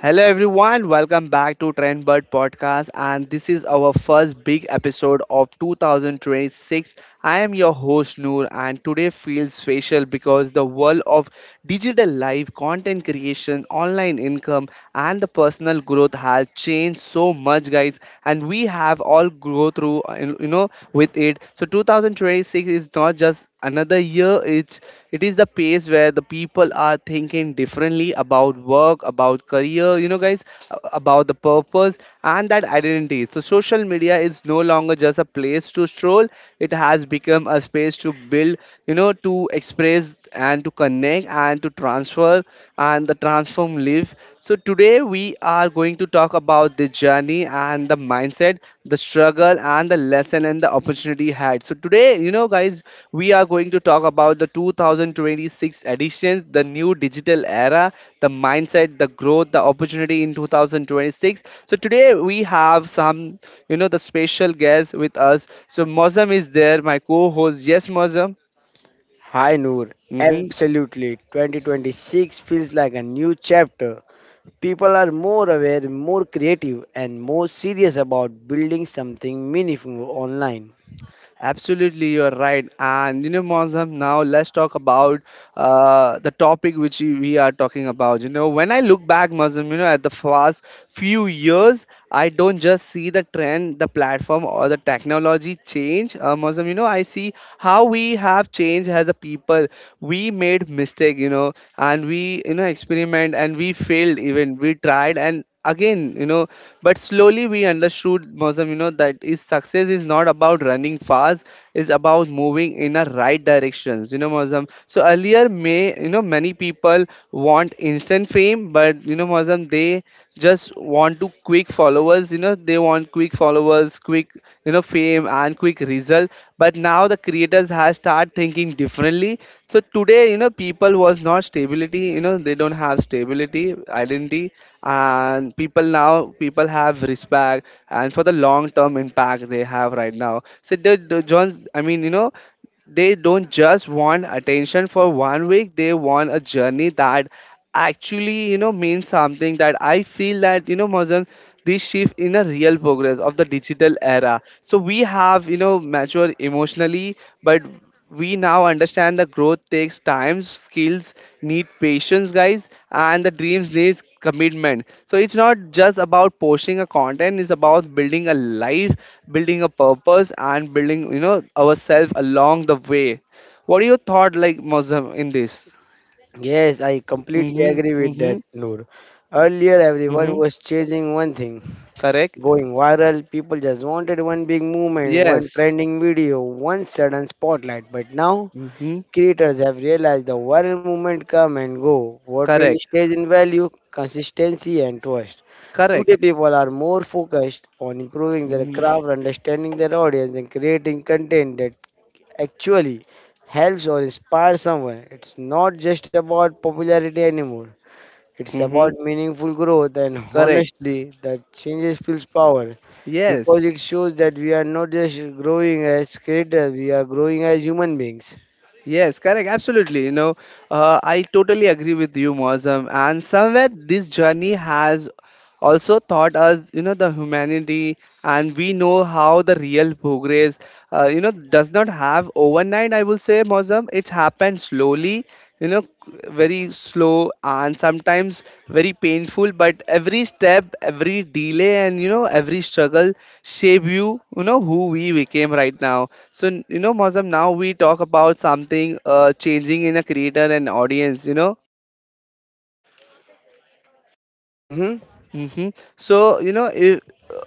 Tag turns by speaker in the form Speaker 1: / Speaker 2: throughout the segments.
Speaker 1: Hello everyone, welcome back to Trendbird Podcast and this is our first big episode of 2026. I am your host Noor and today feels special because the world of digital life, content creation, online income and the personal growth has changed so much guys and we have all go through with it. So 2026 is not just another year, it is the pace where the people are thinking differently about work, about career, you know, guys, about the purpose and that identity. So, social media is no longer just a place to stroll, it has become a space to build, you know, to express and to connect and to transfer and the transform live. So today we are going to talk about the journey and the mindset, the struggle and the lesson and the opportunity had. So today, you know, guys, we are going to talk about the 2026 editions, the new digital era, the mindset, the growth, the opportunity in 2026. So today we have some, you know, the special guest with us. So Mozam is there, my co-host. Yes, Mozam.
Speaker 2: Hi Noor,
Speaker 1: Hmm.
Speaker 2: absolutely. 2026 feels like a new chapter. People are more aware, more creative, and more serious about building something meaningful online.
Speaker 1: Absolutely, you're right. And you know, Mozam, now let's talk about the topic which we are talking about. You know, when I look back, Mozam, you know, at the past few years, I don't just see the trend, the platform, or the technology change. Mozam, you know, I see how we have changed as a people. We made mistake, you know, and we, you know, experiment and we failed even. We tried and again, you know. But slowly we understood, Mosam, you know, that is success is not about running fast, it's about moving in a right directions, you know, Mosam. So earlier, may you know, many people want instant fame, but you know, Mosam, they just want to quick followers, you know, they want quick followers, quick, you know, fame and quick result. But now the creators has start thinking differently. So today, you know, people was not stability, you know, they don't have stability identity. And people now people have respect and for the long term impact they have right now. So the johns, I mean, you know, they don't just want attention for 1 week, they want a journey that actually, you know, means something, that I feel that, you know, Mazan, this shift in a real progress of the digital era. So we have, you know, matured emotionally, but we now understand the growth takes time, skills need patience guys, and the dreams needs commitment. So it's not just about posting a content, it's about building a life, building a purpose and building, you know, ourselves along the way. What are your thought like Mozam in this?
Speaker 2: Yes, I completely
Speaker 1: Mm-hmm.
Speaker 2: agree with
Speaker 1: Mm-hmm.
Speaker 2: that, Noor. Earlier, everyone
Speaker 1: Mm-hmm.
Speaker 2: was chasing one thing
Speaker 1: Correct.
Speaker 2: going viral. People just wanted one big movement, one
Speaker 1: Yes.
Speaker 2: trending video, one sudden spotlight. But now,
Speaker 1: Mm-hmm.
Speaker 2: creators have realized the viral movement come and go. What really
Speaker 1: Correct.
Speaker 2: stays in value? Consistency and trust.
Speaker 1: Correct.
Speaker 2: Today, people are more focused on improving their
Speaker 1: Mm-hmm.
Speaker 2: craft, understanding their audience, and creating content that actually helps or inspires someone. It's not just about popularity anymore. It's about
Speaker 1: Mm-hmm.
Speaker 2: meaningful growth, and
Speaker 1: Correct.
Speaker 2: honestly, that changes feels power because
Speaker 1: Yes.
Speaker 2: it shows that we are not just growing as creators, we are growing as human beings.
Speaker 1: Yes, correct. Absolutely. You know, I totally agree with you, Mozam. And somewhere this journey has also taught us, you know, the humanity, and we know how the real progress, you know, does not have overnight. I will say, Mozam, it happened slowly. You know, very slow and sometimes very painful. But every step, every delay, and you know, every struggle shape you. You know who we became right now. So you know, Mozam, now we talk about something changing in a creator and audience. You know,
Speaker 2: Mm-hmm.
Speaker 1: hmm, so you know, if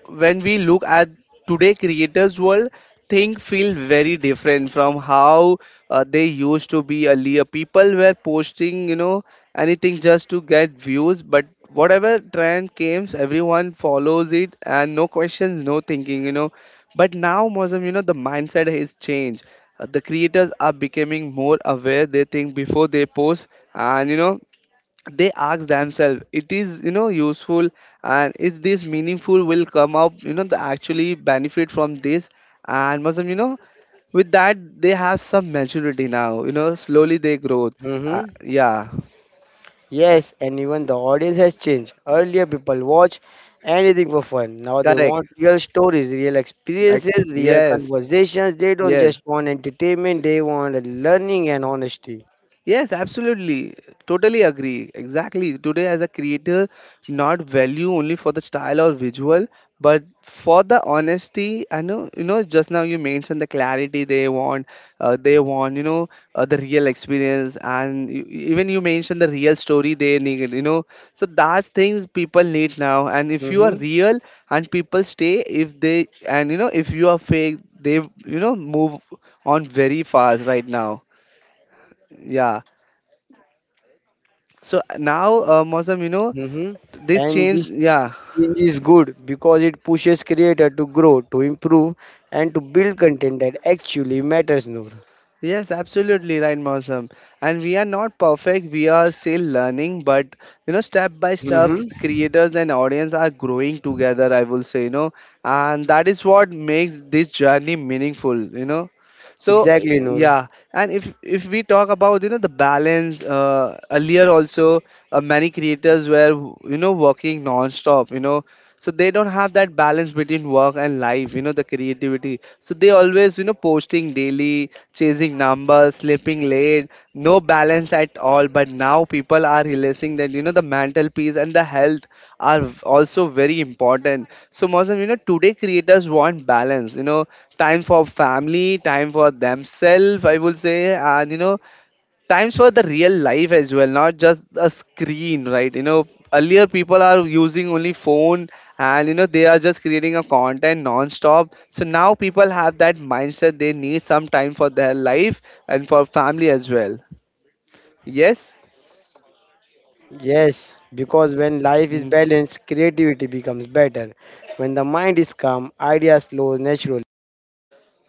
Speaker 1: when we look at today creators world, things feel very different from how they used to be. Earlier people were posting, you know, anything just to get views, but whatever trend comes everyone follows it and no questions no thinking, you know. But now Mozam, you know, the mindset has changed. The creators are becoming more aware, they think before they post, and you know, they ask themselves, it is, you know, useful, and is this meaningful, will come up, you know, the actually benefit from this. And muslim, you know, with that they have some maturity now, you know, slowly they grow.
Speaker 2: Mm-hmm.
Speaker 1: Yeah.
Speaker 2: Yes, and even the audience has changed. Earlier, people watch anything for fun. Now they
Speaker 1: Correct.
Speaker 2: want real stories, real experiences, real
Speaker 1: Yes.
Speaker 2: conversations. They don't
Speaker 1: Yes.
Speaker 2: just want entertainment, they want learning and honesty.
Speaker 1: Yes, absolutely. Totally agree. Exactly. Today, as a creator, not value only for the style or visual, but for the honesty. I know, you know, just now you mentioned the clarity they want, you know, the real experience, and you, even you mentioned the real story they need, you know. So that's things people need now. And if you are
Speaker 2: Mm-hmm.
Speaker 1: real and people stay, if they, and you know, if you are fake, they, you know, move on very fast right now. Yeah. So now, Mosam, you know,
Speaker 2: Mm-hmm.
Speaker 1: this
Speaker 2: And
Speaker 1: change,
Speaker 2: this
Speaker 1: yeah,
Speaker 2: change is good because it pushes creator to grow, to improve, and to build content that actually matters, Noor.
Speaker 1: yes, absolutely right, Mosam. And we are not perfect, we are still learning, but you know, step by step,
Speaker 2: Mm-hmm.
Speaker 1: creators and audience are growing together, I will say, you know, and that is what makes this journey meaningful, you know. So,
Speaker 2: Exactly, Noor.
Speaker 1: yeah, and if we talk about, you know, the balance, earlier also, many creators were, you know, working non-stop, you know, so they don't have that balance between work and life, you know, the creativity. So they always, you know, posting daily, chasing numbers, sleeping late, no balance at all. But now people are realizing that, you know, the mental peace and the health are also very important. So Mozam, you know, today creators want balance, you know, time for family, time for themselves, I will say, and you know, times for the real life as well, not just a screen, right, you know. Earlier people are using only phone, and you know, they are just creating a content non-stop. So now people have that mindset, they need some time for their life and for family as well. Yes.
Speaker 2: Yes, because when life is balanced, creativity becomes better. When the mind is calm, ideas flow naturally.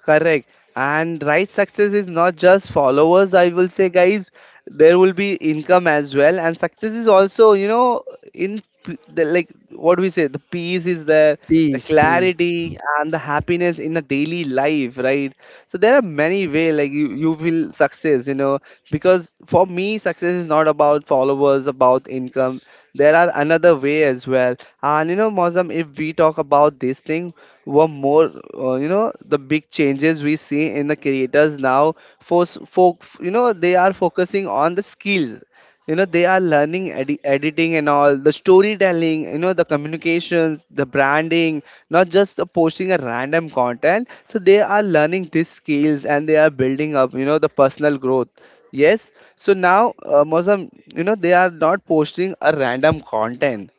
Speaker 1: Correct. And right success is not just followers, I will say, guys. There will be income as well. And success is also, you know, in the, like what we say, the peace is there, the
Speaker 2: Peace, peace.
Speaker 1: clarity and the happiness in the daily life, right? So there are many way like you will success, you know, because for me, success is not about followers, about income. There are another way as well. And you know, Mozam, if we talk about this thing, one more, you know, the big changes we see in the creators now, for you know, they are focusing on the skills, you know, they are learning editing and all the storytelling, you know, the communications, the branding, not just the posting a random content. So they are learning these skills and they are building up, you know, the personal growth. Yes. So now, Mozam, you know, they are not posting a random content.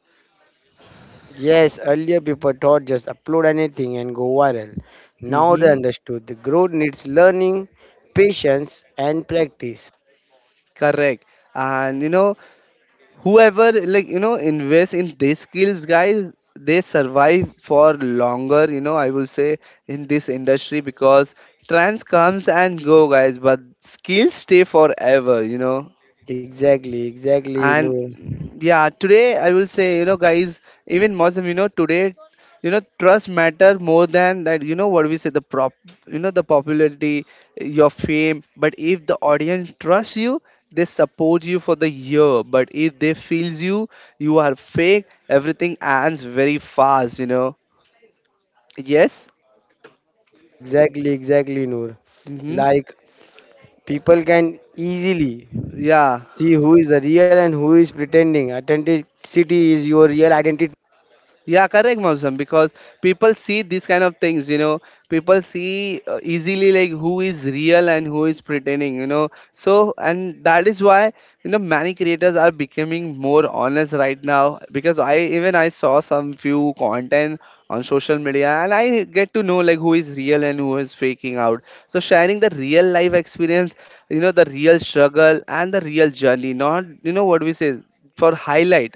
Speaker 2: Yes, earlier people thought just upload anything and go viral. Now they
Speaker 1: Mm-hmm.
Speaker 2: understood the growth needs learning, patience, and practice.
Speaker 1: Correct. And you know, whoever like you know invest in these skills, guys, they survive for longer. You know, I will say in this industry because trends comes and go, guys, but skills stay forever. You know.
Speaker 2: Exactly, exactly,
Speaker 1: And
Speaker 2: Noor.
Speaker 1: yeah, today I will say, you know, guys, even muslim, you know, today, you know, trust matter more than that, you know, what we say the prop, you know, the popularity, your fame. But if the audience trusts you, they support you for the year. But if they feels you, you are fake, everything ends very fast, you know. Yes.
Speaker 2: Exactly, exactly, Noor.
Speaker 1: Mm-hmm.
Speaker 2: Like people can easily
Speaker 1: Yeah.
Speaker 2: see who is the real and who is pretending. Authenticity is your real identity.
Speaker 1: Yeah, correct, Mausam, because people see these kind of things, you know. People see easily like who is real and who is pretending, you know. So, and that is why, you know, many creators are becoming more honest right now, because I even I saw some few content on social media and I get to know like who is real and who is faking out. So, sharing the real life experience, you know, the real struggle and the real journey, not, you know, what we say for highlight,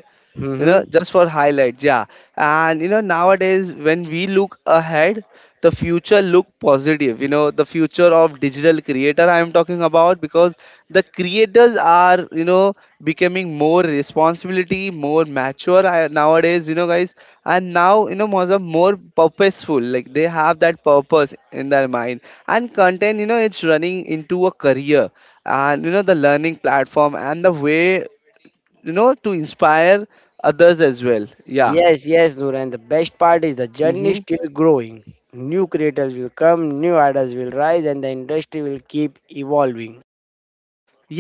Speaker 1: you know,
Speaker 2: Mm-hmm.
Speaker 1: just for highlights, yeah. And you know, nowadays when we look ahead the future look positive, you know, the future of digital creator I am talking about, because the creators are, you know, becoming more responsibility, more mature, nowadays, you know, guys, and now you know more of more purposeful, like they have that purpose in their mind, and content, you know, it's running into a career, and you know, the learning platform and the way, you know, to inspire others as well, yeah.
Speaker 2: Yes, yes, Noor. And the best part is the journey
Speaker 1: Mm-hmm.
Speaker 2: is still growing. New creators will come, new ideas will rise, and the industry will keep evolving.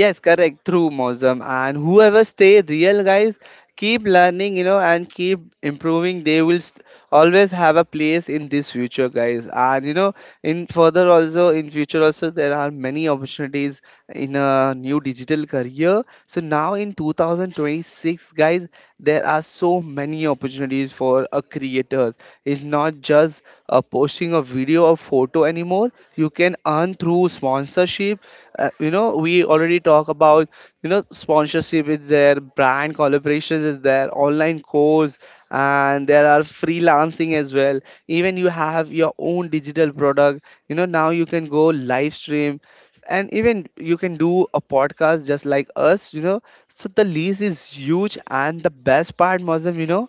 Speaker 1: Yes, correct through Mosm. And whoever stay real guys, keep learning, you know, and keep improving, they will always have a place in this future guys. And you know, in further also, in future also, there are many opportunities in a new digital career. So now in 2026 guys, there are so many opportunities for a creators. It's not just posting a video or photo anymore. You can earn through sponsorship. You know we already talk about, you know, sponsorship is there, brand collaborations is there, online course, and there are freelancing as well. Even you have your own digital product. You know, now you can go live stream and even you can do a podcast just like us, you know. So the lease is huge. And the best part Muslim, you know,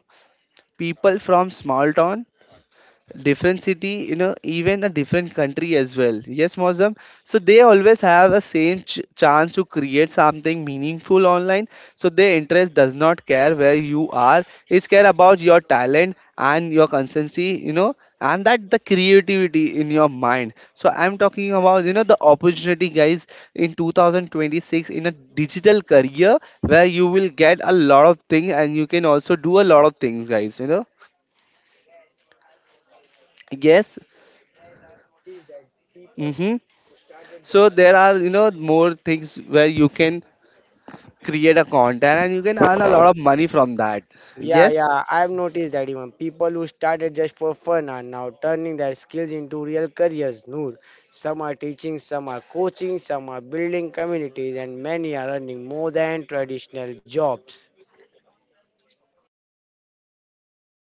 Speaker 1: people from small town, different city, you know, even a different country as well. Yes Mozam, so they always have a same chance to create something meaningful online. So their interest does not care where you are. It's care about your talent and your consistency, you know, and that the creativity in your mind. So I'm talking about, you know, the opportunity guys, in 2026, in a digital career where you will get a lot of things and you can also do a lot of things guys, you know. Yes. Mm-hmm. So there are, you know, more things where you can create a content and you can earn a lot of money from that.
Speaker 2: Yeah,
Speaker 1: Yes?
Speaker 2: yeah, I've noticed that even people who started just for fun are now turning their skills into real careers. Noor, some are teaching, some are coaching, some are building communities, and many are earning more than traditional jobs.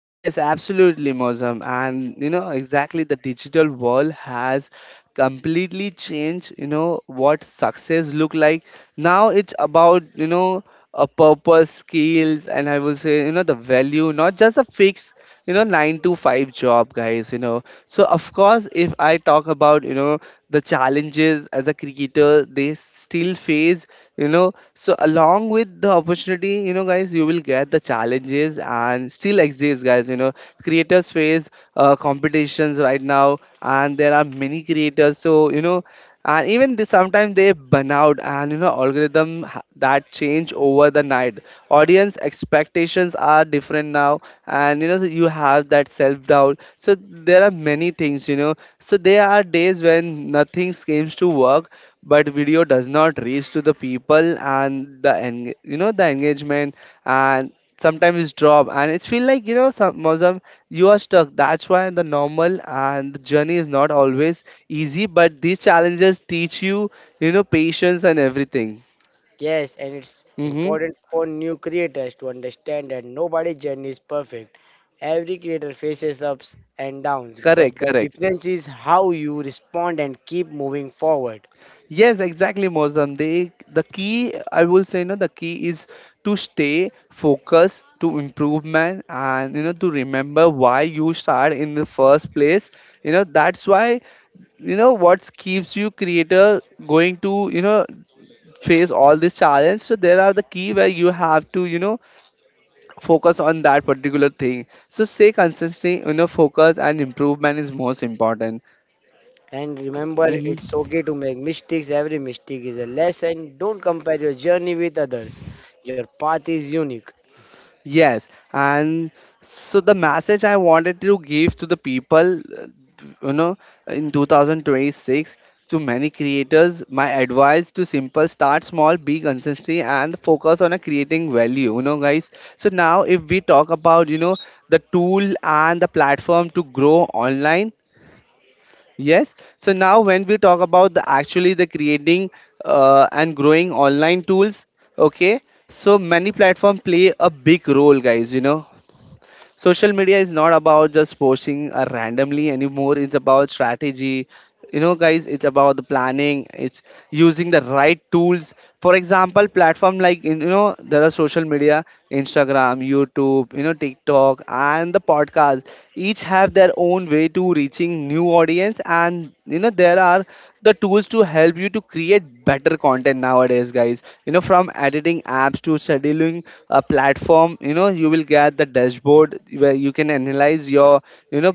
Speaker 1: Yes, absolutely, Mozam. And you know, exactly, the digital world has completely changed, you know, what success look like. Now it's about, you know, a purpose skills, and I will say, you know, the value, not just a fixed, you know, 9 to 5 job guys, you know. So of course, if I talk about, you know, the challenges as a cricketer, they still face, you know. So along with the opportunity, you know guys, you will get the challenges and still exist guys, you know. Creators face competitions right now, and there are many creators, so you know, and even they sometimes they burn out, and you know, algorithm that change over the night. Audience expectations are different now, and you know, you have that self-doubt. So there are many things, you know. So there are days when nothing seems to work, but video does not reach to the people, and the you know, the engagement, and sometimes it's drop, and it's feel like, you know, some you are stuck. That's why the normal, and the journey is not always easy, but these challenges teach you, you know, patience and everything.
Speaker 2: Yes, and it's
Speaker 1: Mm-hmm.
Speaker 2: important for new creators to understand that nobody's journey is perfect. Every creator faces ups and downs, but
Speaker 1: Correct,
Speaker 2: the
Speaker 1: correct.
Speaker 2: difference is how you respond and keep moving forward.
Speaker 1: Yes, exactly Mozam. They, the key I will say, you know, the key is to stay focused, to improvement, and you know, to remember why you start in the first place. You know, that's why, you know, what keeps you creator going to, you know, face all these challenges. So there are the key where you have to, you know, focus on that particular thing. So stay consistent, you know, focus and improvement is most important.
Speaker 2: And remember, it's
Speaker 1: Mhm.
Speaker 2: okay to make mistakes. Every mistake is a lesson. Don't compare your journey with others. Your path is unique.
Speaker 1: Yes, and so the message I wanted to give to the people, you know, in 2026, to many creators, my advice to simple: start small, be consistent, and focus on a creating value, you know, guys. So now, if we talk about, you know, the tool and the platform to grow online. Yes. So now, when we talk about the actually the creating and growing online tools, okay. So many platform play a big role, guys. You know, social media is not about just posting randomly anymore. It's about strategy. You know, guys, it's about the planning. It's using the right tools. For example, platform like, you know, there are social media, Instagram, YouTube, you know, TikTok, and the podcasts, each have their own way to reaching new audience. And you know, there are the tools to help you to create better content nowadays guys. You know, from editing apps to scheduling a platform, you know, you will get the dashboard where you can analyze your, you know,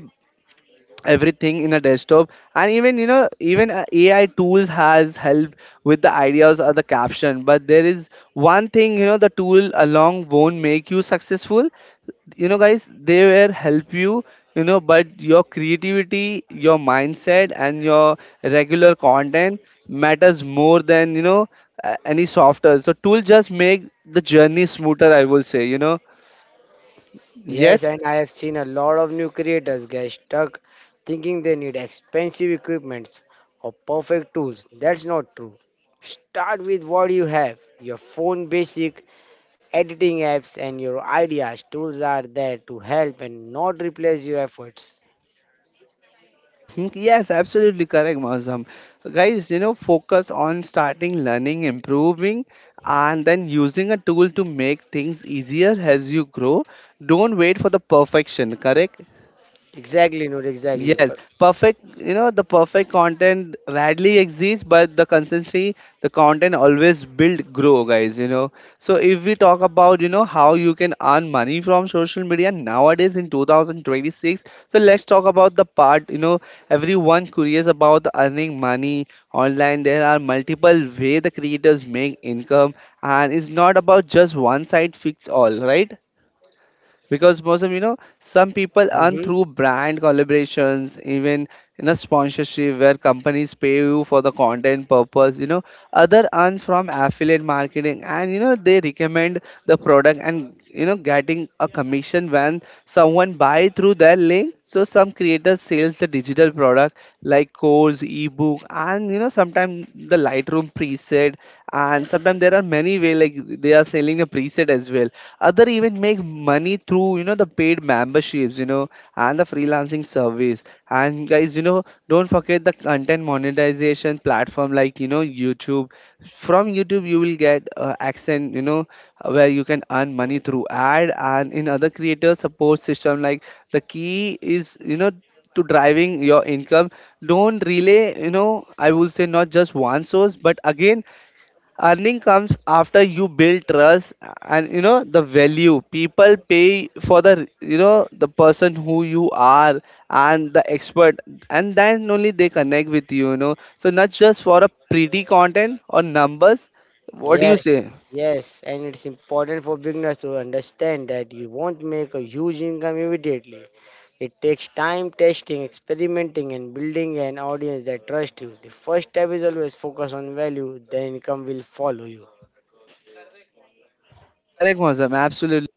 Speaker 1: everything in a desktop. And even, you know, even AI tools has helped with the ideas or the caption. But there is one thing, you know, the tool along won't make you successful, you know guys. They will help you, you know, but your creativity, your mindset, and your regular content matters more than, you know, any software. So tool just make the journey smoother, I will say, you know.
Speaker 2: Yes,
Speaker 1: Yes.
Speaker 2: and I have seen a lot of new creators get stuck thinking they need expensive equipments or perfect tools. That's not true. Start with what you have your phone, basic editing apps, and your ideas. Tools are there to help and not replace your efforts.
Speaker 1: Mhm. Yes, absolutely correct, Mazam. Guys, you know, focus on starting, learning, improving, and then using a tool to make things easier as you grow. Don't wait for the perfection, correct?
Speaker 2: Exactly, not exactly.
Speaker 1: Yes,
Speaker 2: But,
Speaker 1: perfect. You know, the perfect content rarely exists, but the consistency, the content always build grow, guys. You know, so if we talk about, you know, how you can earn money from social media nowadays in 2026, so let's talk about the part, you know, everyone curious about earning money online. There are multiple way the creators make income, and it's not about just one side fits all, right? Because most of, you know, some people earn
Speaker 2: Mhm.
Speaker 1: through brand collaborations, even in a sponsorship where companies pay you for the content purpose, you know. Other earns from affiliate marketing, and you know, they recommend the product, and you know, getting a commission when someone buy through their link. So some creators sells the digital product like course, ebook, and you know, sometimes the Lightroom preset. And sometimes there are many way, like they are selling the preset as well. Other even make money through, you know, the paid memberships, you know, and the freelancing service. And guys, you know, don't forget the content monetization platform like, you know, YouTube. From YouTube you will get accent, you know, where you can earn money through ad, and in other creator support system. Like the key is, you know, to driving your income, don't relay, you know, I will say, not just one source. But again, earning comes after you build trust, and you know, the value. People pay for the, you know, the person who you are and the expert, and then only they connect with you, you know. So not just for a pretty content or numbers. What do you
Speaker 2: Yes,
Speaker 1: say?
Speaker 2: yes, and it's important for beginners to understand that you won't make a huge income immediately. It takes time testing, experimenting, and building an audience that trusts you. The first step is always focus on value, then income will follow you.
Speaker 1: Correct Mozam, absolutely.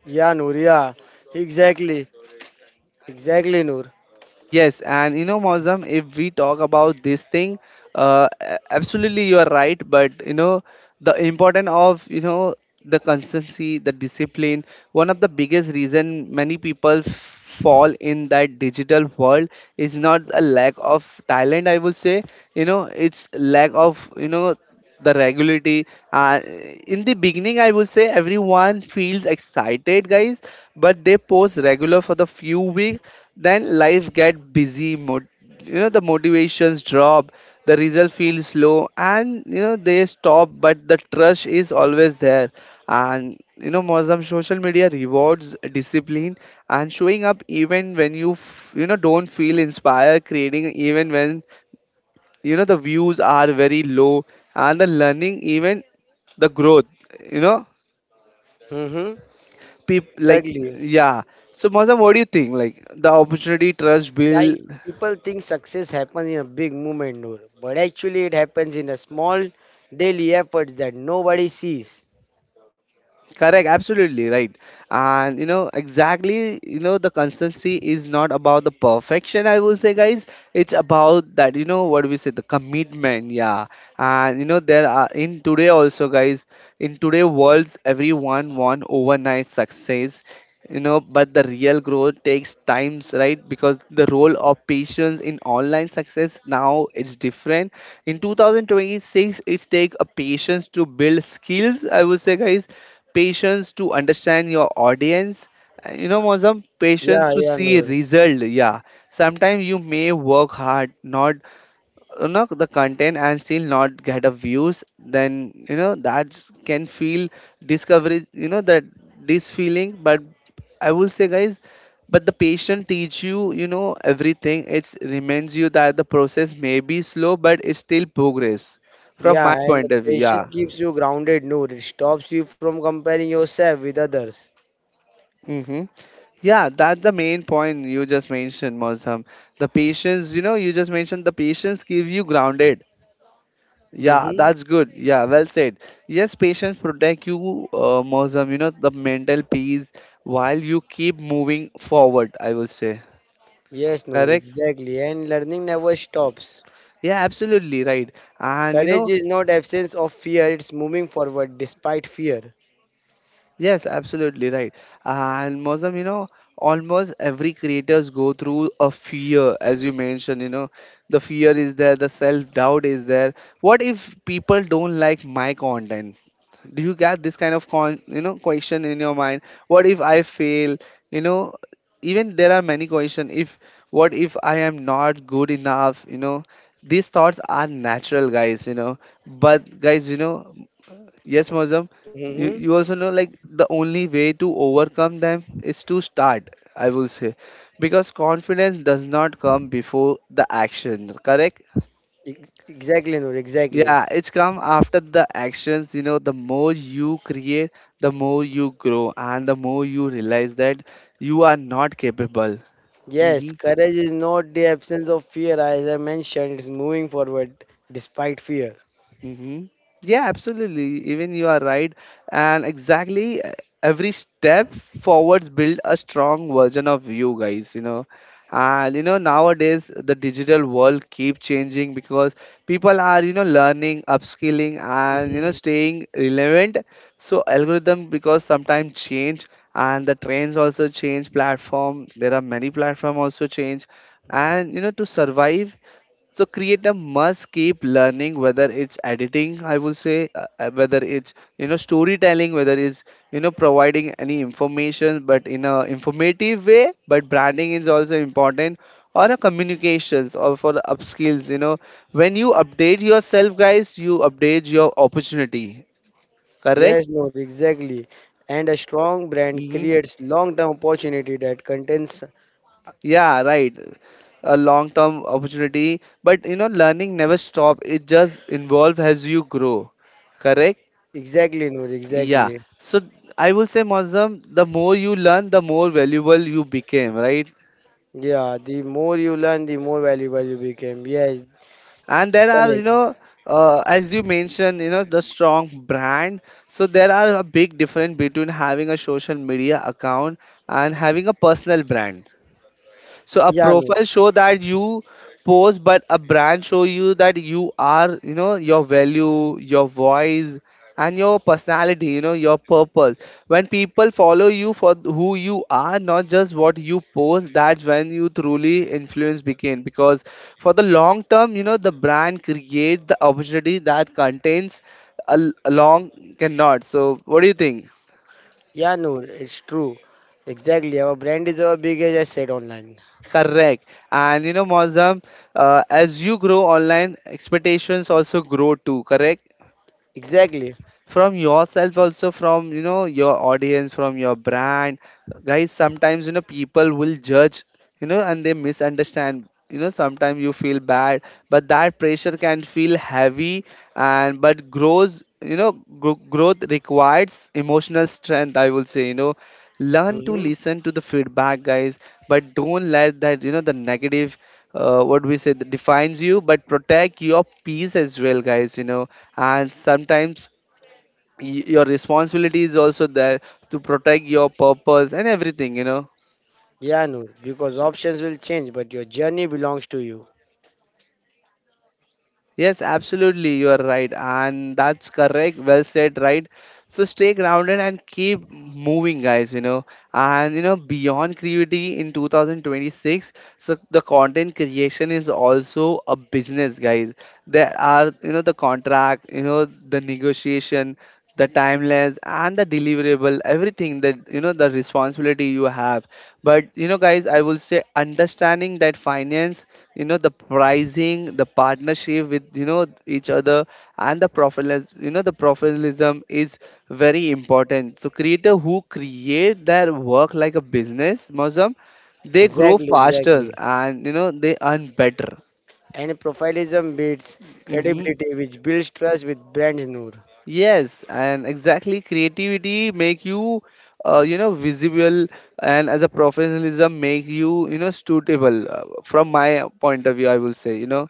Speaker 2: Yeah, Noor, yeah. Exactly. Exactly, Noor.
Speaker 1: Yes, and you know, Mozam, if we talk about this thing, absolutely you are right. But you know, the importance of, you know, the consistency, the discipline. One of the biggest reason many people fall in that digital world is not a lack of talent, I would say. You know, it's lack of, you know, the regularity. Uh, in the beginning, I would say everyone feels excited, guys, but they post regular for the few weeks, then life get busy. You know, the motivations drop, the result feels low, and you know, they stop. But the trust is always there. And you know Mozam, social media rewards discipline, and showing up even when you you know, don't feel inspired, creating even when, you know, the views are very low, and the learning, even the growth, you know,
Speaker 2: Mm-hmm.
Speaker 1: people like,
Speaker 2: Exactly.
Speaker 1: yeah. So Maza, what do you think like the opportunity trust
Speaker 2: Like
Speaker 1: build?
Speaker 2: people think success happens in a big moment, Noor, but actually it happens in a small daily efforts that nobody sees.
Speaker 1: Correct, absolutely right. And you know, exactly, you know, the consistency is not about the perfection, I will say, guys. It's about that, you know, what we say, the commitment, yeah. And you know, there are in today also, guys, in today worlds, everyone want overnight success, you know, but the real growth takes times, right? Because the role of patience in online success now it's different. In 2026, it's take a patience to build skills, I would say, guys. Patience to understand your audience, and you know Mozam, patience
Speaker 2: Yeah,
Speaker 1: to
Speaker 2: yeah,
Speaker 1: see
Speaker 2: Noor.
Speaker 1: result, yeah. Sometimes you may work hard, not, you know, the content, and still not get a views, then you know, that can feel discovery, you know, that this feeling. But I will say guys, but the patient teach you, you know, everything. It reminds you that the process may be slow, but it's still progress, from
Speaker 2: Yeah,
Speaker 1: my
Speaker 2: and the
Speaker 1: point of view,
Speaker 2: patience
Speaker 1: yeah.
Speaker 2: keeps you grounded, Noor. It stops you from comparing yourself with others.
Speaker 1: Mm-hmm. Yeah, that's the main point you just mentioned, Mosam. The patience, you know, you just mentioned the patience keep you grounded. Yeah,
Speaker 2: Mm-hmm.
Speaker 1: that's good. Yeah, well said. Yes, patience protect you, Mosam. You know, the mental peace while you keep moving forward, I will say.
Speaker 2: Yes, Noor,
Speaker 1: Correct.
Speaker 2: exactly. And learning never stops.
Speaker 1: Yeah, absolutely right. And you
Speaker 2: Courage
Speaker 1: know,
Speaker 2: is not absence of fear, it's moving forward despite fear.
Speaker 1: yes, absolutely right. And Mozam, you know, almost every creators go through a fear, as you mentioned, you know, the fear is there, the self-doubt is there. What if people don't like my content? Do you get this kind of con, you know, question in your mind? What if I fail? You know, even there are many question. If what if I am not good enough? You know, these thoughts are natural, guys. You know, but guys, you know. Yes, Mozam. You,
Speaker 2: Mm-hmm.
Speaker 1: you also know like the only way to overcome them is to start, I will say. Because confidence does not come before the action, correct?
Speaker 2: Exactly, Noor, exactly.
Speaker 1: Yeah, it's come after the actions. You know, the more you create, the more you grow, and the more you realize that you are not capable.
Speaker 2: Yes,
Speaker 1: Mm-hmm.
Speaker 2: courage is not the absence of fear, as I mentioned, it's moving forward despite fear.
Speaker 1: Mm-hmm. Yeah, absolutely. Even you are right. And exactly, every step forwards build a strong version of you guys, you know. And you know, nowadays the digital world keep changing because people are, you know, learning, upskilling, and you know,
Speaker 2: Mm.
Speaker 1: staying relevant. So algorithm because sometimes change, and the trends also change, platform, there are many platform also change. And you know, to survive, so creator must keep learning, whether it's editing, I will say, whether it's, you know, storytelling, whether it's, you know, providing any information, but in a informative way. But branding is also important, or a communications, or for upskills. You know, when you update yourself, guys, you update your opportunity. Correct?
Speaker 2: Yes, Noor, exactly. And a strong brand
Speaker 1: Hmm.
Speaker 2: creates long term opportunity that contains
Speaker 1: Yeah, right. A long-term opportunity, but you know, learning never stop. It just involve as you grow. Correct?
Speaker 2: exactly, Noor,
Speaker 1: Yeah.
Speaker 2: exactly.
Speaker 1: So I will say, Mozam, the more you learn, the more valuable you became, right?
Speaker 2: Yeah, the more you learn, the more valuable you become. Yes,
Speaker 1: And there are, you
Speaker 2: correct.
Speaker 1: know, as you mentioned, you know, the strong brand. So there are a big difference between having a social media account and having a personal brand. So a
Speaker 2: Yeah, Noor.
Speaker 1: profile show that you post, but a brand show you that you are, you know, your value, your voice, and your personality, you know, your purpose. When people follow you for who you are, not just what you post, that's when you truly influence begin. Because for the long term, you know, the brand create the opportunity that contains a, a long cannot. So what do you think?
Speaker 2: Yeah, Noor, it's true. Exactly. Our brand is our biggest asset online.
Speaker 1: Correct. And you know, Mozam, as you grow online, expectations also grow too, correct?
Speaker 2: Exactly.
Speaker 1: From yourself, also from, you know, your audience, from your brand, guys. Sometimes, you know, people will judge, you know, and they misunderstand, you know. Sometimes you feel bad, but that pressure can feel heavy, and but grows, you know. Growth requires emotional strength, I will say, you know. Learn to
Speaker 2: hmm
Speaker 1: listen to the feedback, guys, but don't let that, you know, the negative, what we say, that defines you, but protect your peace as well, guys, you know. And sometimes your responsibility is also there to protect your purpose and everything, you know.
Speaker 2: Yeah, Noor, because options will change, but your journey belongs to you.
Speaker 1: Yes, absolutely, you are right, and that's correct. Well said, right? So stay grounded and keep moving, guys. You know, and you know, beyond creativity in 2026, so the content creation is also a business, guys. There are, you know, the contract, you know, the negotiation, the timelines, and the deliverable, everything that, you know, the responsibility you have. But you know, guys, I will say understanding that finance, you know, the pricing, the partnership with, you know, each other, and the professionalism, you know, the professionalism is very important. So creator who create their work like a business, Muslim, they grow
Speaker 2: Exactly,
Speaker 1: faster,
Speaker 2: exactly.
Speaker 1: and you know, they earn better.
Speaker 2: And profilism beats
Speaker 1: Hmm.
Speaker 2: credibility, which builds trust with brands, Noor.
Speaker 1: Yes, and exactly, creativity make you, you know, visible, and as a professionalism make you, you know, suitable, from my point of view, I will say, you know.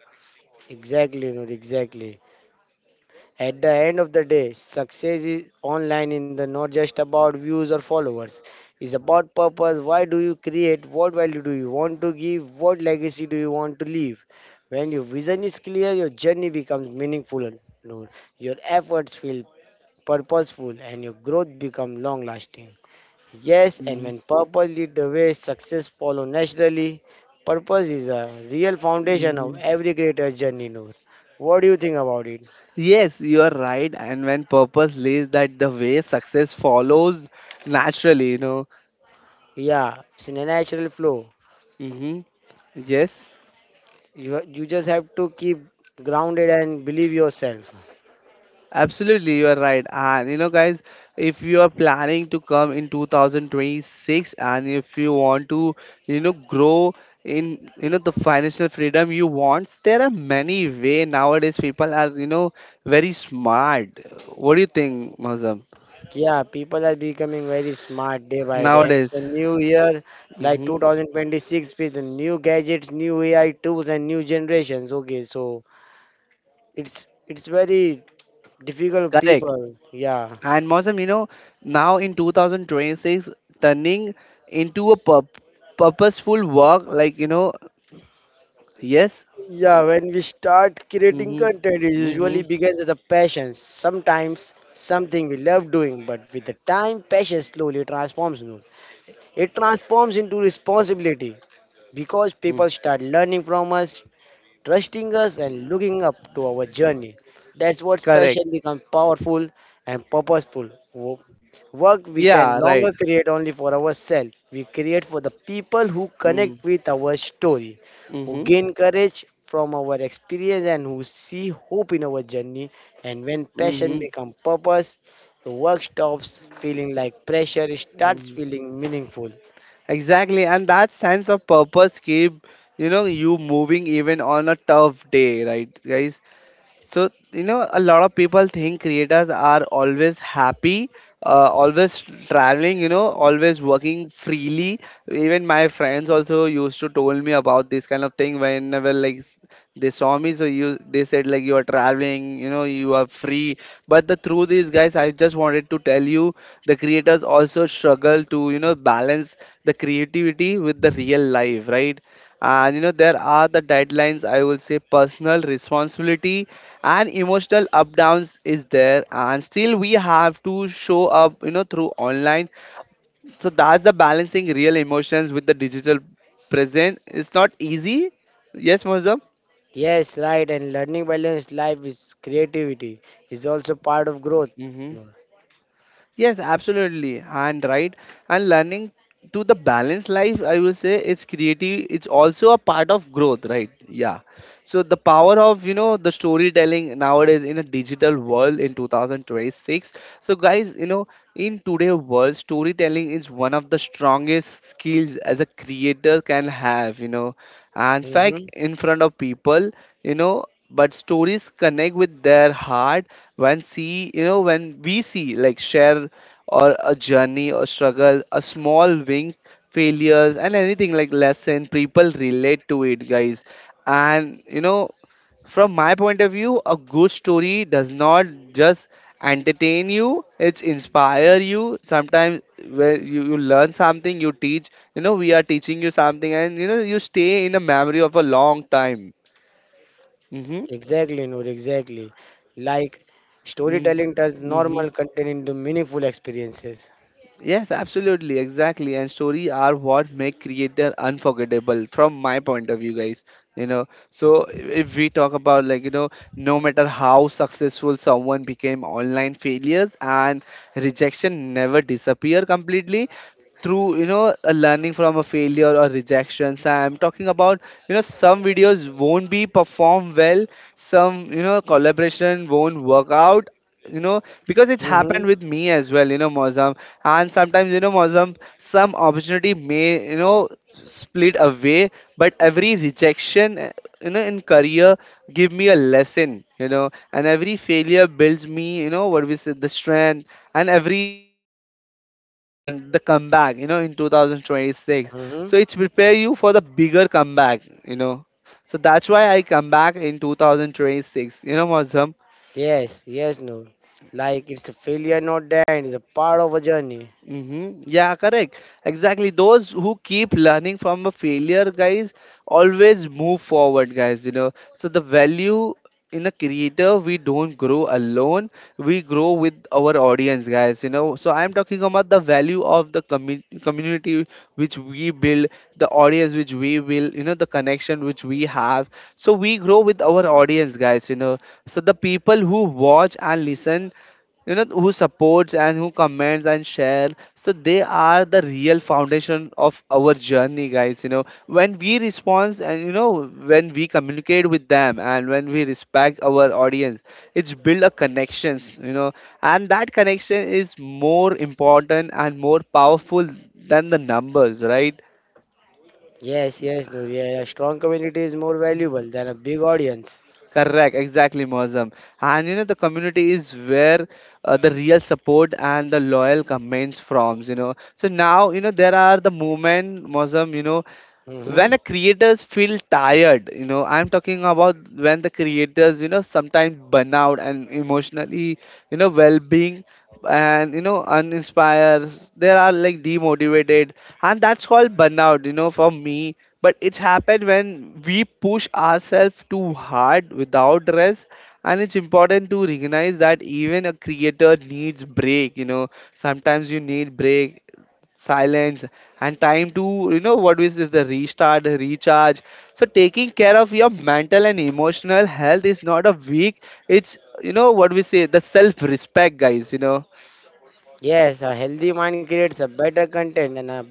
Speaker 2: Exactly, Noor, exactly. At the end of the day, success is online in the not just about views or followers. It's about purpose. Why do you create? What value do you want to give? What legacy do you want to leave? When your vision is clear, your journey becomes meaningful. Noor. Your efforts feel purposeful and your growth becomes long lasting. Yes, and when purpose lead the way, success follow naturally. Purpose is a real foundation
Speaker 1: Mm-hmm.
Speaker 2: of every creator's journey, Noor. What do you think about it?
Speaker 1: Yes, you are right. And when purpose lays that the way, success follows naturally, you know.
Speaker 2: Yeah, it's a natural flow.
Speaker 1: Hmm. Yes,
Speaker 2: You just have to keep grounded and believe yourself.
Speaker 1: absolutely, you are right. And you know, guys, if you are planning to come in 2026 and if you want to, you know, grow in, you know, the financial freedom you want, there are many way nowadays. People are, you know, very smart. What do you think, Mazam?
Speaker 2: Yeah, people are becoming very smart day by day. It's a
Speaker 1: Nowadays,
Speaker 2: new year like
Speaker 1: hmm,
Speaker 2: 2026 with the new gadgets, new AI tools and new generations. Okay, so it's very difficult
Speaker 1: correct.
Speaker 2: people. Yeah.
Speaker 1: And Mosam, you know, now in 2026, turning into a purposeful work, like, you know, yes.
Speaker 2: Yeah, when we start creating
Speaker 1: Mm-hmm.
Speaker 2: content, it
Speaker 1: Mm-hmm.
Speaker 2: usually begins as a passion. Sometimes something we love doing, but with the time, passion slowly transforms. It transforms into responsibility because
Speaker 1: Mm.
Speaker 2: people start learning from us, trusting us, and looking up to our journey. That's what
Speaker 1: Correct.
Speaker 2: passion becomes powerful and purposeful. Work we can
Speaker 1: Yeah, right.
Speaker 2: longer create only for ourselves. We create for the people who
Speaker 1: Mm.
Speaker 2: connect with our story, who
Speaker 1: Mm-hmm.
Speaker 2: gain courage from our experience, and who see hope in our journey. And when passion
Speaker 1: Mm-hmm.
Speaker 2: becomes purpose, the work stops feeling like pressure, it starts
Speaker 1: Mm-hmm.
Speaker 2: feeling meaningful.
Speaker 1: Exactly. And that sense of purpose keep, you know, you moving even on a tough day, right, guys? So, you know, a lot of people think creators are always happy, always traveling, you know, always working freely. Even my friends also used to told me about this kind of thing whenever like they saw me. So you, they said like you are traveling, you know, you are free. But the truth is, guys, I just wanted to tell you, the creators also struggle to, you know, balance the creativity with the real life, right? And you know, there are the deadlines, I will say, personal responsibility and emotional up downs is there, and still we have to show up, you know, through online. So that's the balancing real emotions with the digital present, it's not easy. Yes, Mozam?
Speaker 2: Yes, right. And learning balanced life is creativity is also part of growth.
Speaker 1: Hmm.
Speaker 2: Noor.
Speaker 1: Yes, absolutely. And right, and learning to the balance life, I will say, is creative. It's also a part of growth, right? Yeah. So the power of, you know, the storytelling nowadays in a digital world in 2026. So guys, you know, in today's world, storytelling is one of the strongest skills as a creator can have. You know, and fact
Speaker 2: Mhm.
Speaker 1: in front of people, you know. But stories connect with their heart when see, you know, when we see like share, or a journey or struggle, a small wings, failures and anything like lesson, people relate to it, guys. And you know, from my point of view, a good story does not just entertain you, it's inspire you. Sometimes where you learn something, you teach, you know, we are teaching you something, and you know, you stay in a memory of a long time. Mm-hmm.
Speaker 2: Exactly, Noor. Exactly. Like
Speaker 1: Mm-hmm.
Speaker 2: storytelling turns
Speaker 1: Mm-hmm.
Speaker 2: normal content into meaningful experiences.
Speaker 1: Yes, absolutely, exactly. And story are what make creator unforgettable from my point of view, guys. You know, so if we talk about, like, you know, no matter how successful someone became, online failures and rejection never disappear completely. Through, you know, a learning from a failure or rejections, I'm talking about, you know, some videos won't be performed well, some, you know, collaboration won't work out, you know, because it
Speaker 2: Mm-hmm.
Speaker 1: happened with me as well, you know, Mozam. And sometimes, you know, Mozam, some opportunity may, you know, split away. But every rejection, you know, in career, give me a lesson, you know. And every failure builds me, you know, what we said, the strength. And every like, you know, the setback and the comeback, you know, in 2026,
Speaker 2: Mm-hmm.
Speaker 1: so it's prepare you for the bigger comeback, you know. So that's why I come back in 2026. You know, Mazam,
Speaker 2: Yes. Yes, Noor. Like it's a failure, not the end. It's a part of a journey.
Speaker 1: mm-hmm. Yeah, correct. Exactly. Those who keep learning from a failure, guys, always move forward, guys. You know, so the value in a creator, we don't grow alone, we grow with our audience, guys. You know, so I'm talking about the value of the community which we build, the audience which we build, you know, the connection which we have. So we grow with our audience, guys. You know, so the people who watch and listen, you know, who supports and who comments and share, so they are the real foundation of our journey, guys, you know. When we respond, and you know, when we communicate with them, and when we respect our audience, it's build a connections, you know. And that connection is more important and more powerful than the numbers, right?
Speaker 2: Yes. Yes, Noor. Yeah. A strong community is more valuable than a big audience.
Speaker 1: Correct, exactly, Mozam. And you know, the community is where the real support and the loyal comments from, you know. So now, you know, there are the movement, Mozam, you know, when
Speaker 2: Mm-hmm.
Speaker 1: the creators feel tired, you know, I'm talking about when the creators, you know, sometimes burn out, and emotionally, you know, well-being, and you know, uninspired, they are like demotivated. And that's called burnout, you know, for me. But it's happened when we push ourselves too hard without rest, and it's important to recognize that even a creator needs break, you know. Sometimes you need break, silence, and time to, you know, what is this, the restart, the recharge. So taking care of your mental and emotional health is not a weak, it's, you know, what we say, the self respect, guys, you know.
Speaker 2: Yes. A healthy mind creates a better content, and a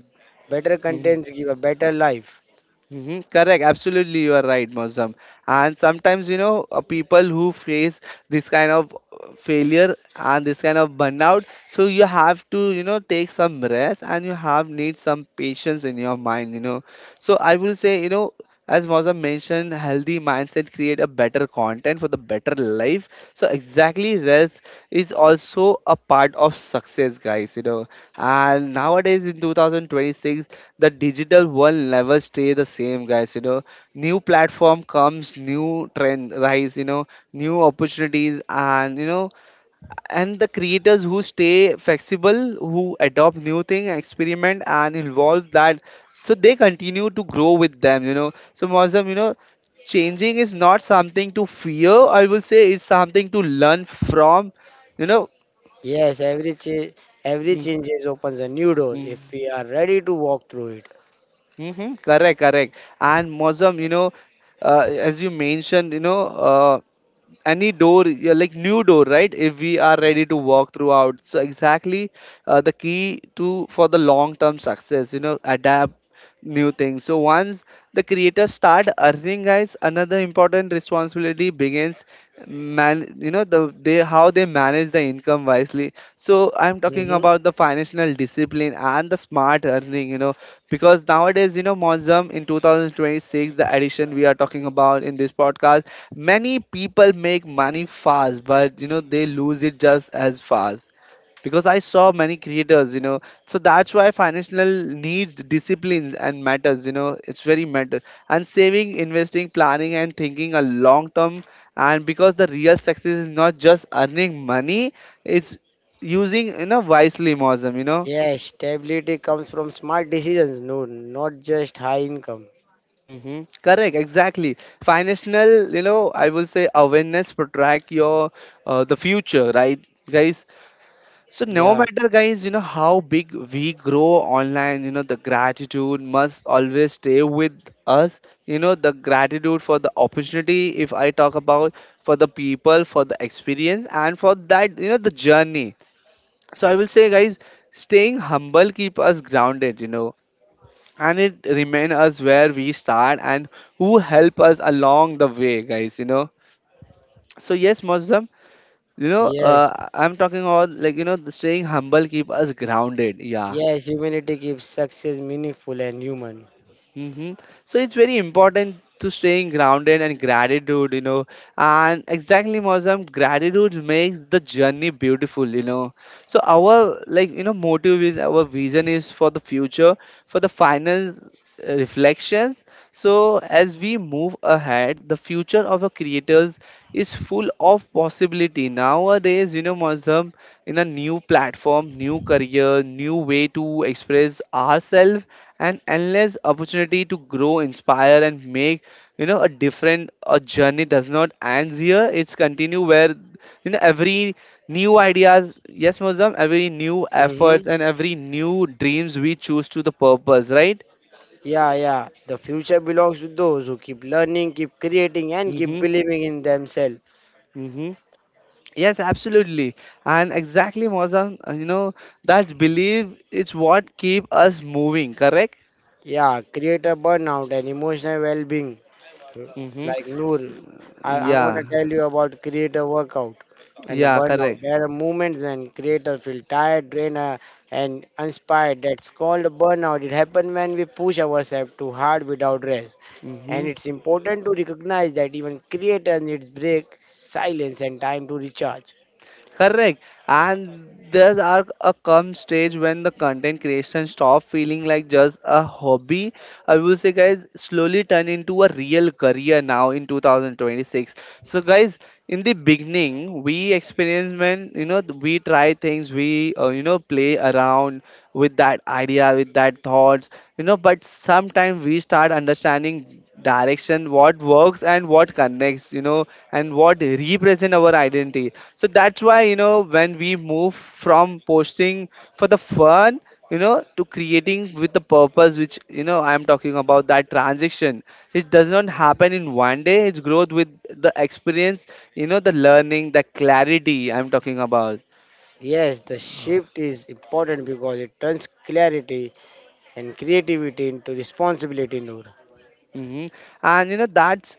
Speaker 2: better contents give a better life.
Speaker 1: Hmm. Correct. Absolutely, you are right, Mozam. And sometimes, you know, people who face this kind of failure and this kind of burnout, so you have to, you know, take some rest and you have need some patience in your mind, you know. So I will say, you know, as Mozam mentioned, healthy mindset create a better content for the better life. So exactly, rest is also a part of success, guys. You know, and nowadays in 2026, the digital world never stay the same, guys, you know. New platform comes, new trend rise, you know, new opportunities, and you know, and the creators who stay flexible, who adopt new thing, experiment and involve that, so they continue to grow with them, you know. So Mozam, you know, changing is not something to fear, I will say, it's something to learn from, you know.
Speaker 2: Yes, every change, every
Speaker 1: Mm,
Speaker 2: changes opens a new door
Speaker 1: mm.
Speaker 2: if we are ready to walk through it.
Speaker 1: Mm-hmm. Correct, correct. And Mozam, you know, as you mentioned, you know, any door, yeah, like new door, right? If we are ready to walk throughout, so exactly, the key to for the long-term success, you know, adapt new things. So once the creators start earning, guys, another important responsibility begins, man. You know the they How they manage the income wisely? So I'm talking
Speaker 2: Hmm
Speaker 1: about the financial discipline and the smart earning, because nowadays, you know, Monzum, in 2026, the edition we are talking about in this podcast, many people make money fast, but you know, they lose it just as fast, because I saw many creators, so that's why financial needs disciplines and matters, you know, it's very matter. And saving, investing, planning, and thinking a long term. And because the real success is not just earning money, it's using, you know, wisely, Mozam,
Speaker 2: Yes, stability comes from smart decisions, no, not just high income.
Speaker 1: Mm-hmm. Correct, exactly, financial, you know, I will say awareness protect your the future, right, guys? So no
Speaker 2: Yeah.
Speaker 1: matter, guys, you know, how big we grow online, you know, the gratitude must always stay with us. You know, the gratitude for the opportunity, if I talk about, for the people, for the experience, and for that, you know, the journey. So I will say, guys, staying humble keep us grounded, you know, and it remain us where we start and who help us along the way, guys, So yes, Mozam, you know,
Speaker 2: Yes.
Speaker 1: I'm talking about, like you know, the staying humble keep us grounded. Yeah.
Speaker 2: Yes, humanity keeps success meaningful and human.
Speaker 1: Hmm. So it's very important to staying grounded and gratitude. You know, and exactly, Mozam, gratitude makes the journey beautiful. You know, so our, like you know, motive is, our vision is for the future, for the finance reflections. So, as we move ahead, the future of the creators is full of possibility. Nowadays, you know, Muslim, in a new platform, new career, new way to express ourselves, and endless opportunity to grow, inspire, and make, you know, a different a journey. Does not ends here, it's continue where, you know, every new ideas, yes Muslim, every new efforts
Speaker 2: Mm-hmm.
Speaker 1: and every new dreams we choose to the purpose, right?
Speaker 2: Yeah, yeah. The future belongs to those who keep learning, keep creating, and keep
Speaker 1: Mm-hmm.
Speaker 2: believing in themselves.
Speaker 1: Mm-hmm. Yes, absolutely. And exactly, Mozam, you know, that belief is what keep us moving, correct?
Speaker 2: Yeah, create a burnout and emotional well-being.
Speaker 1: Mm-hmm.
Speaker 2: Like Noor, I'm
Speaker 1: Yeah,
Speaker 2: gonna tell you about creator workout and a
Speaker 1: yeah,
Speaker 2: burnout.
Speaker 1: correct.
Speaker 2: There are moments when creator feel tired, drained, and inspired. That's called a burnout. It happens when we push ourselves too hard without rest.
Speaker 1: Mm-hmm.
Speaker 2: And it's important to recognize that even creator needs break, silence, and time to recharge.
Speaker 1: Correct. And there's are a come stage when the content creation stop feeling like just a hobby. I will say, guys, slowly turn into a real career now in 2026. So guys, in the beginning we experience, when you know, we try things, we, you know, play around with that idea, with that thoughts, you know, but sometimes we start understanding direction, what works and what connects, you know, and what represent our identity. So that's why, you know, when we move from posting for the fun, you know, to creating with the purpose, which, you know, I'm talking about that transition. It does not happen in one day. It's growth with the experience, you know, the learning, the clarity I'm talking about.
Speaker 2: Yes, the shift is important because it turns clarity and creativity into responsibility, Noor.
Speaker 1: Hmm. And you know, that's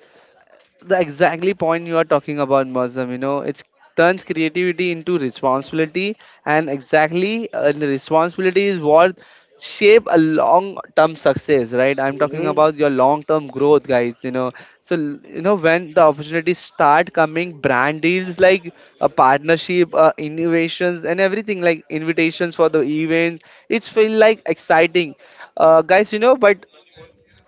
Speaker 1: the exactly point you are talking about, Muslim. You know, it turns creativity into responsibility, and exactly, the responsibility is what shape a long-term success, right? I'm talking
Speaker 2: Mm-hmm.
Speaker 1: about your long-term growth, guys. You know, so you know, when the opportunities start coming, brand deals like a partnership, innovations, and everything like invitations for the events. It's feel like exciting, guys. You know, but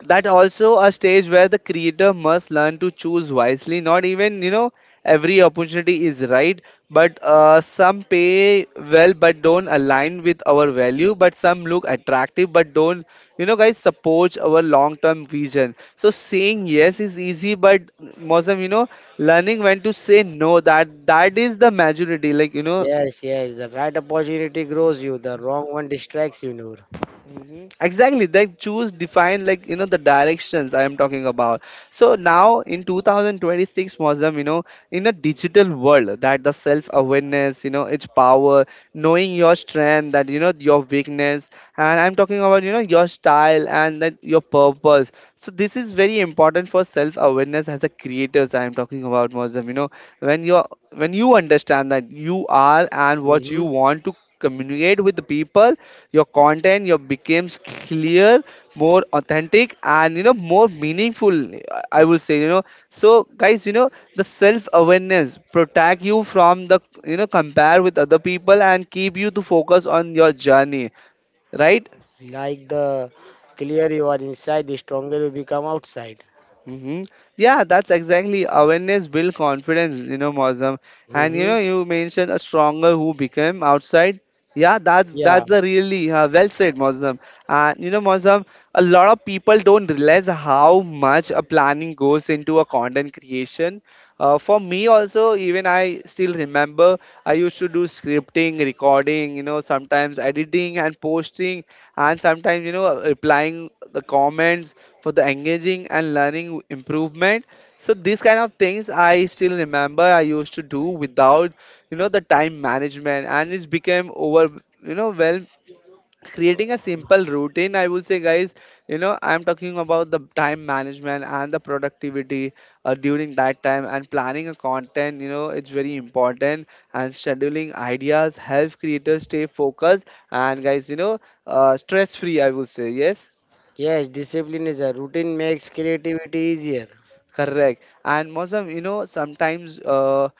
Speaker 1: that also a stage where the creator must learn to choose wisely, not even, you know, every opportunity is right. But some pay well but don't align with our value, but some look attractive but don't, you know, guys, support our long term vision. So saying yes is easy, but Mosam, you know, learning when to say no, that is the maturity, like you know.
Speaker 2: Yes, yes. The right opportunity grows you, the wrong one distracts you, Noor.
Speaker 1: Exactly, they choose define, like you know, the directions I am talking about. So now in 2026, Mozam, you know, in a digital world that the self awareness, you know, its power, knowing your strength, that you know, your weakness. And I'm talking about, you know, your style and that your purpose. So this is very important for self awareness as a creators, I am talking about, Mozam. You know, when you, when you understand that you are and what you
Speaker 2: Hmm
Speaker 1: want to communicate with the people, your content your becomes clear, more authentic, and you know, more meaningful, I will say, you know. So guys, you know, the self awareness protect you from the, you know, compare with other people and keep you to focus on your journey, right?
Speaker 2: Like the clearer you are inside, the stronger you become outside.
Speaker 1: Hmm. Yeah, that's exactly, awareness build confidence, you know, Mozam. And you know,
Speaker 2: Hmm
Speaker 1: you mentioned a stronger who became outside. Yeah, that's
Speaker 2: Yeah.
Speaker 1: a really, well said, Mozam. And you know, Mozam, a lot of people don't realize how much a planning goes into a content creation. For me also, even I still remember I used to do scripting, recording, you know, sometimes editing and posting, and sometimes, you know, replying the comments for the engaging and learning improvement. So these kind of things I still remember I used to do without, you know, the time management, and it's became over, you know, well, creating a simple routine, I will say, guys. You know, I'm talking about the time management and the productivity, during that time, and planning a content, you know, it's very important. And scheduling ideas helps creators stay focused, and guys, you know, stress free, I will say, yes.
Speaker 2: Yes, discipline is a routine makes creativity easier.
Speaker 1: Correct. And Mosam, you know, sometimes,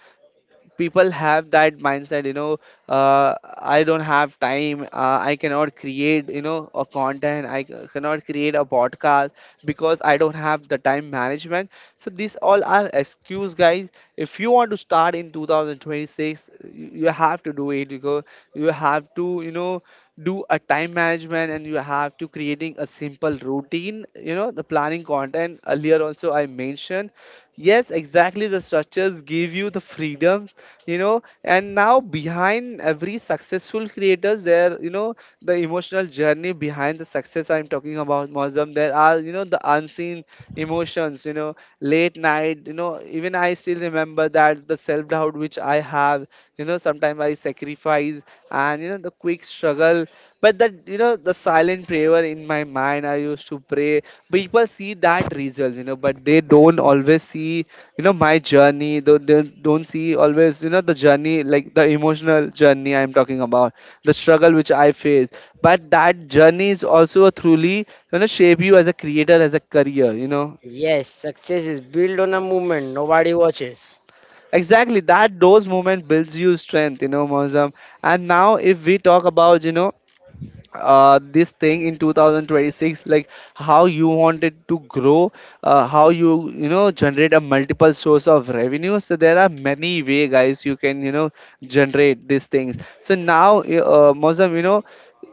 Speaker 1: people have that mindset, you know, uh, I don't have time, I cannot create, you know, a content, I cannot create a podcast, because I don't have the time management. So these all are excuse, guys. If you want to start in 2026, you have to do it, because you have to, you know, do a time management, and you have to creating a simple routine, you know, the planning content, earlier also I mentioned. Yes, exactly, the structures give you the freedom, you know. And now behind every successful creators there, you know, the emotional journey behind the success I'm talking about, Mozam. There are, you know, the unseen emotions, you know, late night, you know, even I still remember that the self doubt which I have, you know, sometimes I sacrifice, and, you know, the quick struggle. But that, you know, the silent prayer in my mind, I used to pray. People see that result, you know, but they don't always see, you know, my journey. They don't see always, you know, the journey, like the emotional journey I'm talking about, the struggle which I face. But that journey is also a truly, you know, shape you as a creator, as a career, you know.
Speaker 2: Yes, success is built on a movement nobody watches.
Speaker 1: Exactly, that those moments builds you strength, you know, Mozam. And now if we talk about, you know, this thing in 2026, like how you wanted to grow, how you, you know, generate a multiple source of revenue, so there are many way, guys, you can, you know, generate these things. So now, Mozam, you know,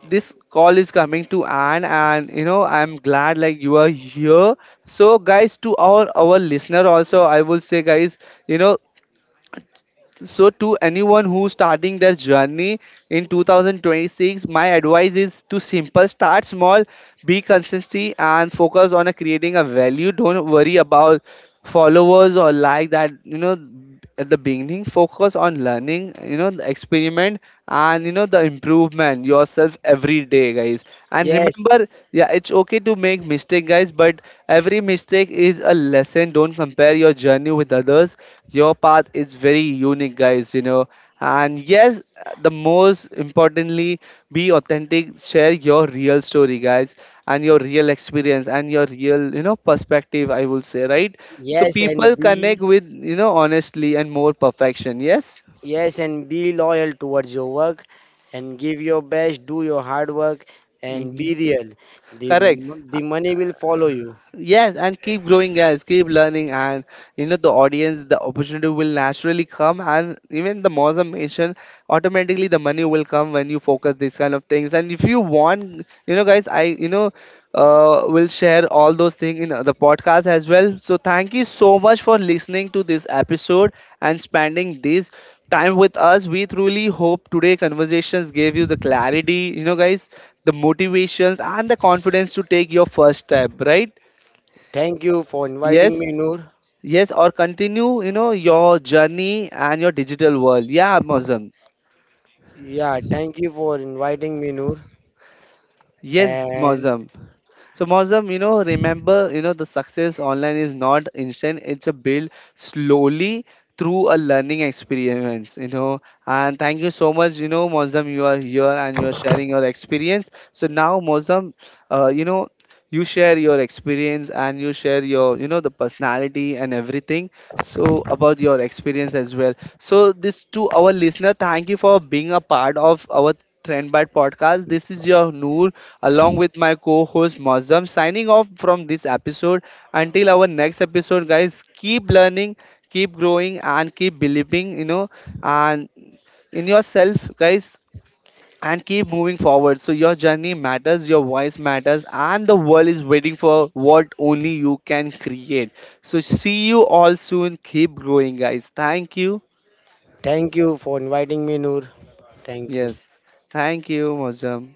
Speaker 1: this call is coming to an and, you know, I'm glad like you are here. So guys, to our listener also, I will say, guys, you know so, to anyone who's starting their journey in 2026, my advice is to simple, start small, be consistent, and focus on a creating a value. Don't worry about followers or like that. You know, at the beginning, focus on learning. You know, the experiment, and you know, the improvement yourself every day, guys. And
Speaker 2: Yes,
Speaker 1: remember, yeah, it's okay to make mistake, guys, but every mistake is a lesson. Don't compare your journey with others. Your path is very unique, guys, you know. And yes, the most importantly, be authentic, share your real story, guys, and your real experience and your real, you know, perspective, I will say, right? So
Speaker 2: yes,
Speaker 1: people connect with, you know, honestly and more perfection. Yes?
Speaker 2: and be loyal towards your work, and give your best, do your hard work, and
Speaker 1: Hmm.
Speaker 2: be real. The
Speaker 1: Correct.
Speaker 2: m- the money will follow you.
Speaker 1: Yes, and keep growing, guys. Keep learning, and you know, the audience, the opportunity will naturally come, and even the Moza mentioned, automatically the money will come when you focus these kind of things. And if you want, you know, guys, I, will share all those things in the podcast as well. So thank you so much for listening to this episode and spending this time with us. We truly hope today conversations gave you the clarity, you know, guys, the motivations and the confidence to take your first step, right?
Speaker 2: Thank you for inviting
Speaker 1: Yes,
Speaker 2: me, Noor.
Speaker 1: yes, or continue, you know, your journey and your digital world. Yeah, Mozam.
Speaker 2: Yeah, thank you for inviting me, Noor.
Speaker 1: Yes,
Speaker 2: And
Speaker 1: Mozam. So Mozam, you know, remember, you know, the success online is not instant. It's a build slowly through a learning experience, you know. And thank you so much, you know, Mozam, you are here and you are sharing your experience. So now, Mozam, you know, you share your experience and you share your, you know, the personality and everything. So about your experience as well. So this to our listener, thank you for being a part of our Trendbyte podcast. This is your Noor along with my co host Mozam, signing off from this episode. Until our next episode, guys, keep learning, keep growing, and keep believing, you know, and in yourself, guys, and keep moving forward. So, your journey matters, your voice matters, and the world is waiting for what only you can create. So, see you all soon. Keep growing, guys. Thank you.
Speaker 2: thank you for inviting me, Noor. Thank you.
Speaker 1: Yes. Thank you, Mozam.